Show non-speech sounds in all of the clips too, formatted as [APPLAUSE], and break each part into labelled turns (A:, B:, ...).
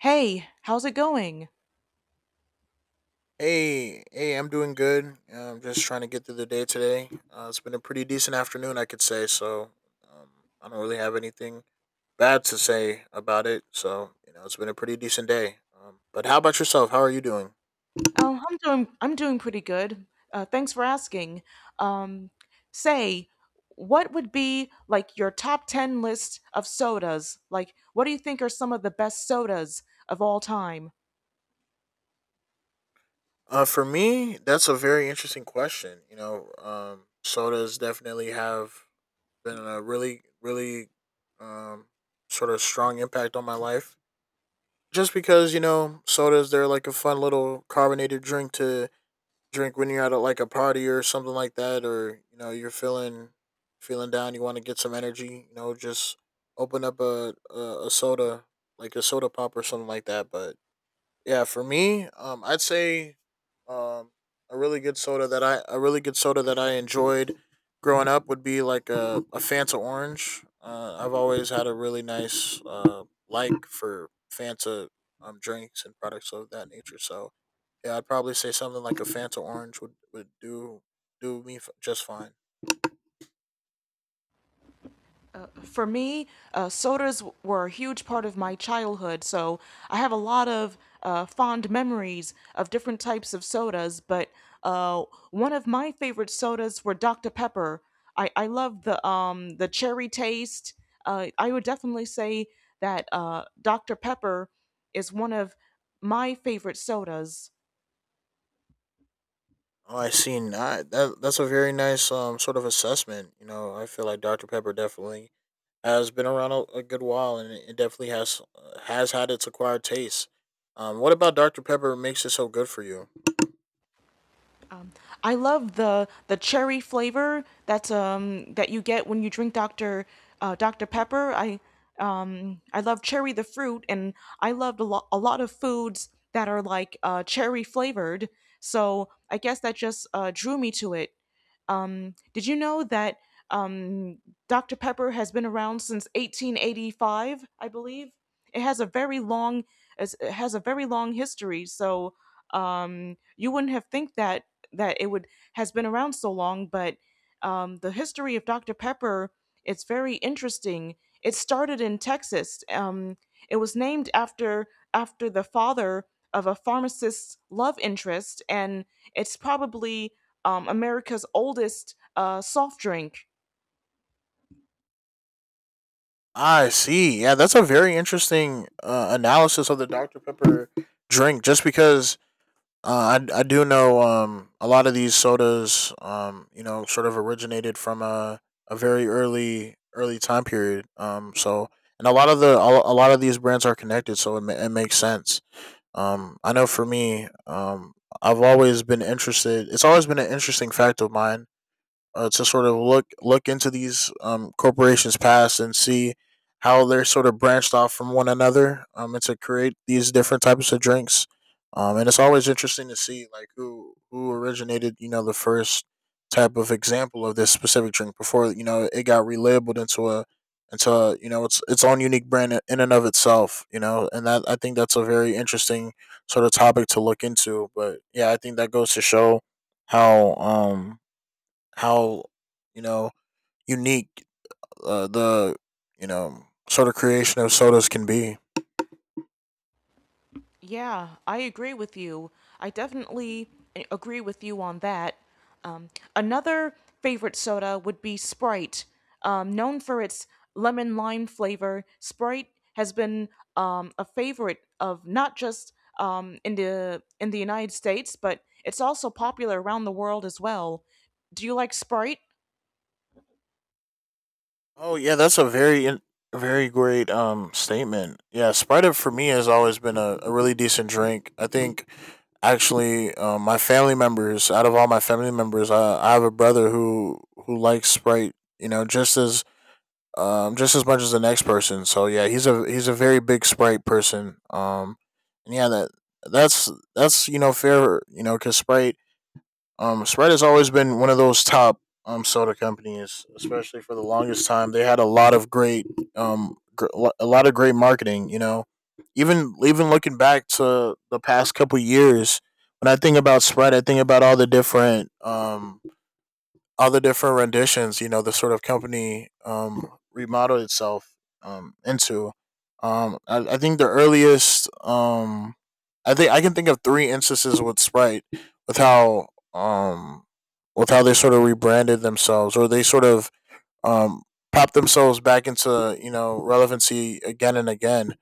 A: Hey, how's it going?
B: Hey, hey, I'm doing good. I'm just trying to get through the day today. It's been a pretty decent afternoon, I could say. So um, I don't really have anything bad to say about it. So it's been a pretty decent day. But how about yourself? How are you doing?
A: Oh, I'm doing pretty good. Thanks for asking. Um, say, what would be like your top 10 list of sodas? Like, what do you think are some of the best sodas of all time?
B: For me, that's a very interesting question. Sodas definitely have been a really, really um, sort of strong impact on my life. Just because sodas they're like a fun little carbonated drink to drink when you're at like a party or something like that, or you're feeling down, you want to get some energy. Just open up a soda, like a soda pop or something like that. But yeah, for me, I'd say um a really good soda that I enjoyed growing up would be like a Fanta orange. I've always had a really nice like for Fanta drinks and products of that nature. So yeah, I'd probably say something like a Fanta orange would do me just fine.
A: For me, sodas were a huge part of my childhood, so I have a lot of fond memories of different types of sodas. But uh, one of my favorite sodas were Dr. Pepper. I love the cherry taste. I would definitely say that Dr. Pepper is one of my favorite sodas.
B: Oh, I see, not that. That's a very nice sort of assessment. I feel like Dr Pepper definitely has been around a good while, and it definitely has had its acquired taste. What about Dr Pepper makes it so good for you?
A: I love the cherry flavor that's that you get when you drink Dr. Pepper. I I love cherry the fruit, and I loved a lot of foods that are like cherry flavored. So I guess that just drew me to it. Did you know that um, Dr. Pepper has been around since 1885, I believe? It has a very long it has a very long history, so you wouldn't have think that it would has been around so long, but the history of Dr. Pepper, it's very interesting. It started in Texas. It was named after the father of a pharmacist's love interest, and it's probably America's oldest soft drink.
B: I see. Yeah, that's a very interesting analysis of the Dr Pepper drink. Just because I do know a lot of these sodas sort of originated from a very early time period so and a lot of these brands are connected, so it makes sense. I know for me I've always been interested, it's always been an interesting fact of mine to sort of look into these corporations past and see how they're sort of branched off from one another, and to create these different types of drinks. And it's always interesting to see like who originated the first type of example of this specific drink before it got relabeled into its own unique brand, in and of itself. And that I think that's a very interesting sort of topic to look into, but yeah, I think that goes to show how um how, you know unique the, sort of creation of sodas can be.
A: Yeah, I agree with you. I definitely agree with you on that. Um, Another favorite soda would be Sprite. Known for its lemon lime flavor, Sprite has been a favorite of, not just in the United States, but it's also popular around the world as well. Do you like Sprite?
B: Oh yeah, that's a very great statement. Yeah, Sprite up for me has always been a really decent drink. I think actually my family members, out of all my family members, I have a brother who likes Sprite. Just as much as the next person. So yeah, he's a very big Sprite person. And yeah, that's fair. Because Sprite has always been one of those top soda companies, especially for the longest time. They had a lot of great marketing. Even looking back to the past couple years, when I think about Sprite, I think about all the different other different renditions, the sort of company remodeled itself into. I think I think I can think of three instances with Sprite with how um, with how they sort of rebranded themselves, or they sort of um, popped themselves back into relevancy again and again.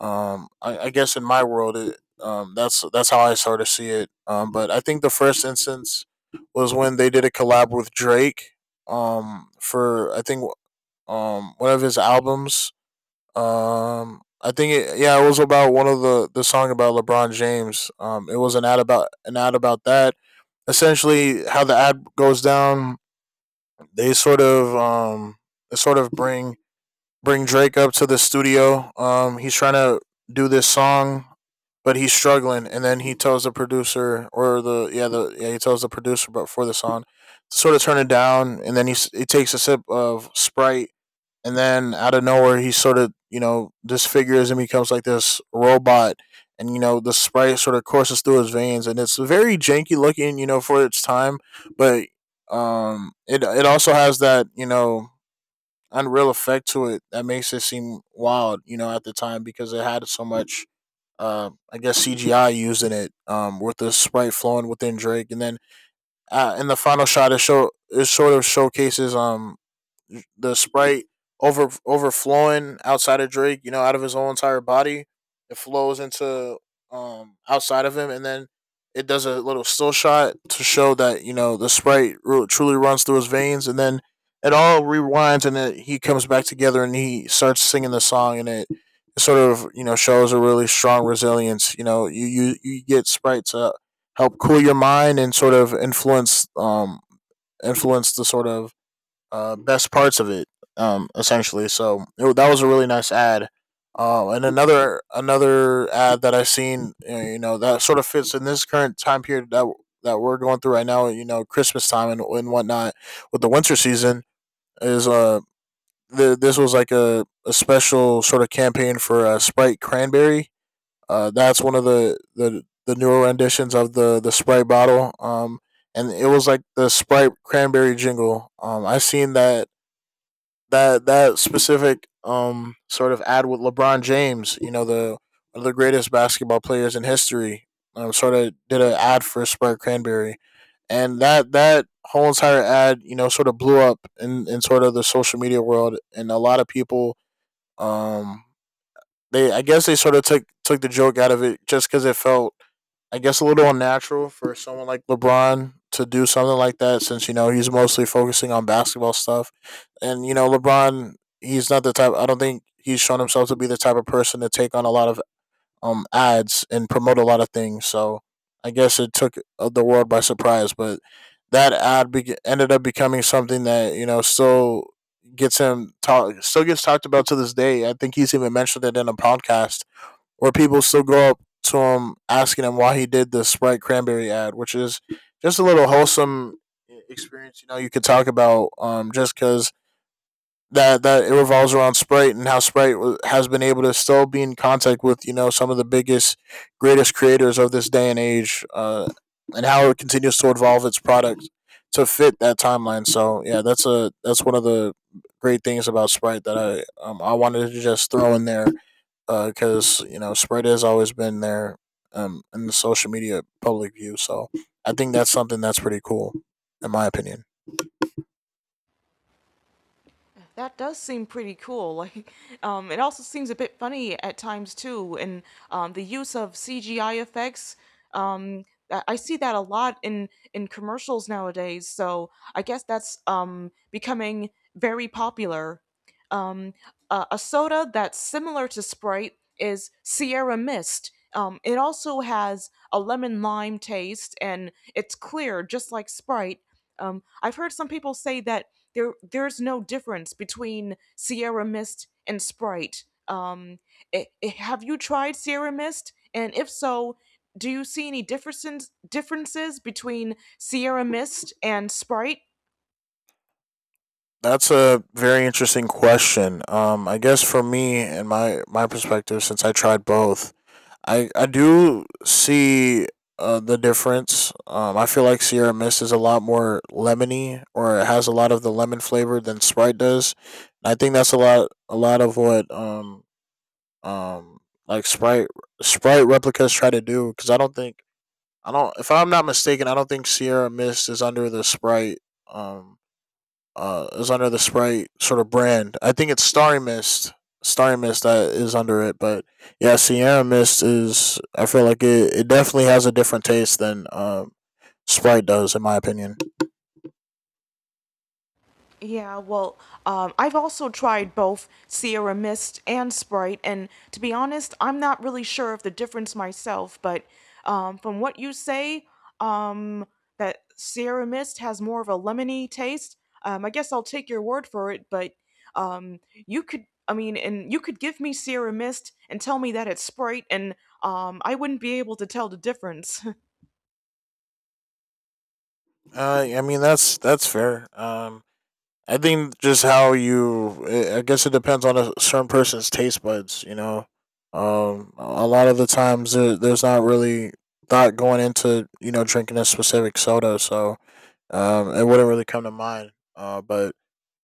B: I guess in my world, that's how I sort of see it. But I think the first instance was when they did a collab with Drake. For I think one of his albums. I think yeah, it was about one of the song about LeBron James. It was an ad about that. Essentially, how the ad goes down, they sort of um, they sort of bring Drake up to the studio. He's trying to do this song, but he's struggling. And then he tells the producer, or the yeah, he tells the producer, but for the song, to sort of turn it down. And then he takes a sip of Sprite, and then out of nowhere, he sort of disfigures and becomes like this robot. And the Sprite sort of courses through his veins, and it's very janky looking, for its time. But it also has that unreal effect to it that makes it seem wild, at the time, because it had so much I guess CGI used in it, with the sprite flowing within Drake, and then in the final shot, it sort of showcases the Sprite overflowing outside of Drake, you know, out of his whole entire body. It flows into outside of him, and then it does a little still shot to show that the Sprite truly runs through his veins, and then it all rewinds, and he comes back together, and he starts singing the song, and it. It sort of, shows a really strong resilience. You get Sprite to help cool your mind and sort of influence the sort of best parts of it, essentially. So that was a really nice ad. And another ad that I've seen, that sort of fits in this current time period that we're going through right now. Christmas time and whatnot, with the winter season, is uh this was like a special sort of campaign for Sprite Cranberry. That's one of the newer renditions of the Sprite bottle. And it was like the Sprite Cranberry jingle. I have seen that specific sort of ad with LeBron James, you know, the one of the greatest basketball players in history, sort of did an ad for Sprite Cranberry, and that whole entire ad, sort of blew up in sort of the social media world, and a lot of people, um they I guess they sort of took the joke out of it, just because it felt, I guess, a little unnatural for someone like LeBron to do something like that, since he's mostly focusing on basketball stuff, and LeBron, he's not the type, I don't think he's shown himself to be the type of person to take on a lot of ads and promote a lot of things. So I guess it took the world by surprise, but that ad ended up becoming something that still gets him talk still gets talked about to this day. I think he's even mentioned it in a podcast where people still go up to him asking him why he did the Sprite cranberry ad, which is just a little wholesome experience. You could talk about, just because that it revolves around Sprite and how Sprite has been able to still be in contact with some of the biggest, greatest creators of this day and age, and how it continues to evolve its product to fit that timeline. So yeah, that's one of the great things about Sprite that I wanted to just throw in there, because spread has always been there, in the social media public view. So I think that's something that's pretty cool, in my opinion.
A: That does seem pretty cool. Like, it also seems a bit funny at times too, and the use of CGI effects. Um, I see that a lot in commercials nowadays. So I guess that's becoming very popular. Um, a soda that's similar to Sprite is Sierra Mist. It also has a lemon lime taste, and it's clear, just like Sprite. I've heard some people say that there's no difference between Sierra Mist and Sprite. Have you tried Sierra Mist? And if so, do you see any differences between Sierra Mist and Sprite?
B: That's a very interesting question. I guess for me and my perspective, since I tried both, I do see the difference. I feel like Sierra Mist is a lot more lemony, or it has a lot of the lemon flavor than Sprite does. And I think that's a lot of what um like Sprite replicas try to do. Because I don't think I don't if I'm not mistaken, I don't think Sierra Mist um is under the Sprite sort of brand. I think it's Starry Mist. Starry Mist that is under it, but yeah, Sierra Mist is. I feel like it definitely has a different taste than Sprite does, in my opinion.
A: Yeah, well, I've also tried both Sierra Mist and Sprite, and to be honest, I'm not really sure of the difference myself, but from what you say, um, that Sierra Mist has more of a lemony taste, I guess I'll take your word for it, but um, you could, I mean, and you could give me Sierra Mist and tell me that it's Sprite, and I wouldn't be able to tell the difference. [LAUGHS]
B: I mean that's fair. I think just how you, I guess it depends on a certain person's taste buds. You know, a lot of the times there's not really thought going into drinking a specific soda, so it wouldn't really come to mind. But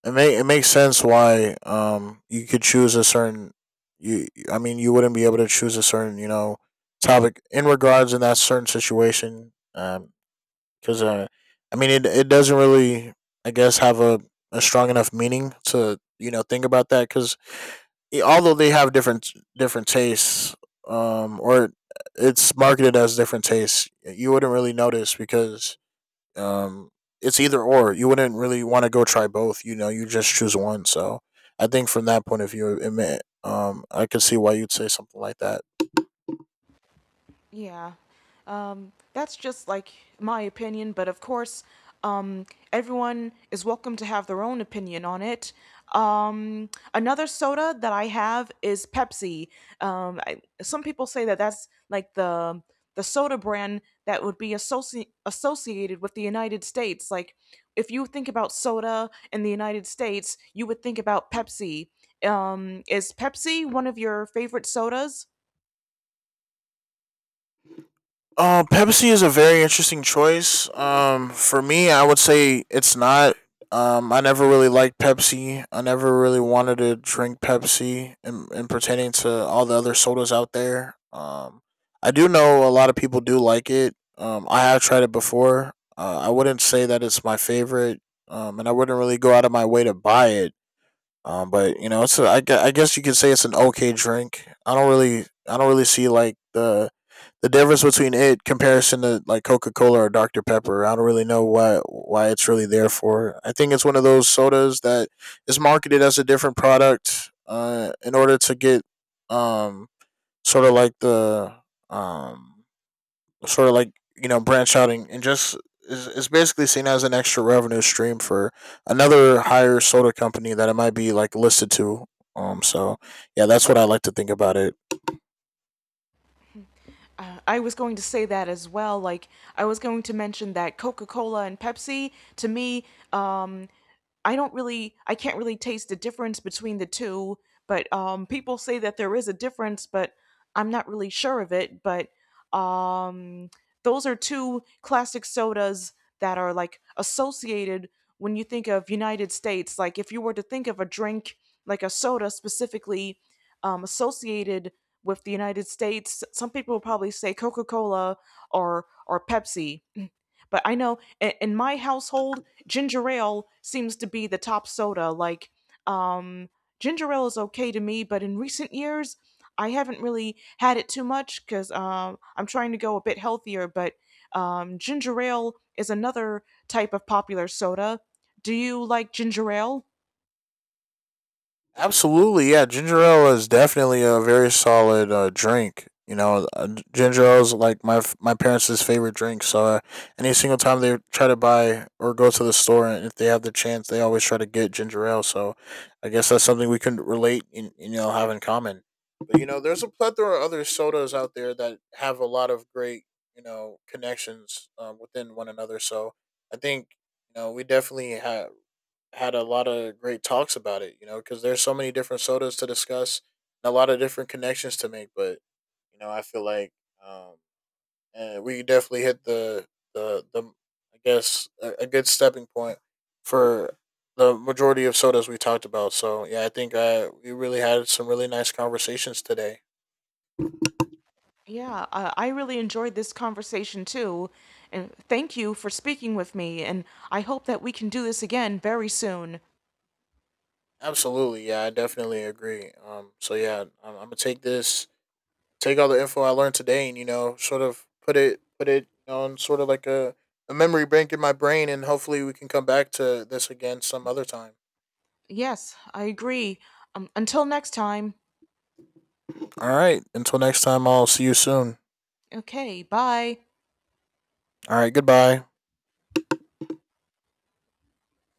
B: it may it makes sense why you could choose a certain you. I mean, you wouldn't be able to choose a certain topic in regards in that certain situation. Because I mean it doesn't really I guess have a strong enough meaning to think about that, because although they have different tastes or it's marketed as different tastes, you wouldn't really notice because um it's either or, you wouldn't really want to go try both, you just choose one. So I think from that point of view it may, I could see why you'd say something like that.
A: Yeah. That's just like my opinion, but of course, um, everyone is welcome to have their own opinion on it. Another soda that I have is Pepsi. Some people say that that's like the soda brand that would be associated with the United States. Like, if you think about soda in the United States, you would think about Pepsi. Is Pepsi one of your favorite sodas?
B: Pepsi is a very interesting choice. For me, I would say it's not. I never really liked Pepsi. I never really wanted to drink Pepsi, and, in pertaining to all the other sodas out there. I do know a lot of people do like it. I have tried it before. I wouldn't say that it's my favorite. And I wouldn't really go out of my way to buy it. But you know, it's a, I, gue- I guess you could say it's an okay drink. I don't really see like the difference between it comparison to like Coca Cola or Dr Pepper. I don't really know why it's really there for. I think it's one of those sodas that is marketed as a different product in order to get um sort of like the um sort of like, you know, branch out, and just is basically seen as an extra revenue stream for another higher soda company that it might be like listed to. So yeah, that's what I like to think about it.
A: I was going to say that as well. Like, I was going to mention that Coca Cola and Pepsi, to me, um, I can't really taste the difference between the two, but um, people say that there is a difference, but I'm not really sure of it, but um, those are two classic sodas that are like associated when you think of United States, like if you were to think of a drink, like a soda specifically, um, associated with the United States, some people will probably say Coca-Cola or Pepsi. [CLEARS THROAT] But I know in my household, ginger ale seems to be the top soda. Like, um, ginger ale is okay to me, but in recent years, I haven't really had it too much because I'm trying to go a bit healthier. But ginger ale is another type of popular soda. Do you like ginger ale?
B: Absolutely, yeah. Ginger ale is definitely a very solid drink. You know, ginger ale is like my parents' favorite drink. So any single time they try to buy or go to the store, and if they have the chance, they always try to get ginger ale. So I guess that's something we can relate and, you know, have in common. But you know, there's a plethora of other sodas out there that have a lot of great, you know, connections within one another. So I think, you know, we definitely had a lot of great talks about it, you know, because there's so many different sodas to discuss and a lot of different connections to make. But you know, I feel like, um, and we definitely hit the I guess a good stepping point for the majority of sodas we talked about. So yeah, I think we really had some really nice conversations today.
A: Yeah, I really enjoyed this conversation too. And thank you for speaking with me. And I hope that we can do this again very soon.
B: Absolutely, yeah, I definitely agree. So yeah, I'm gonna take this take all the info I learned today and, you know, sort of put it, you know, in sort of like a memory bank in my brain, and hopefully we can come back to this again some other time.
A: Yes, I agree. Until next time.
B: All right, until next time, I'll see you soon.
A: Okay, bye.
B: All right, goodbye.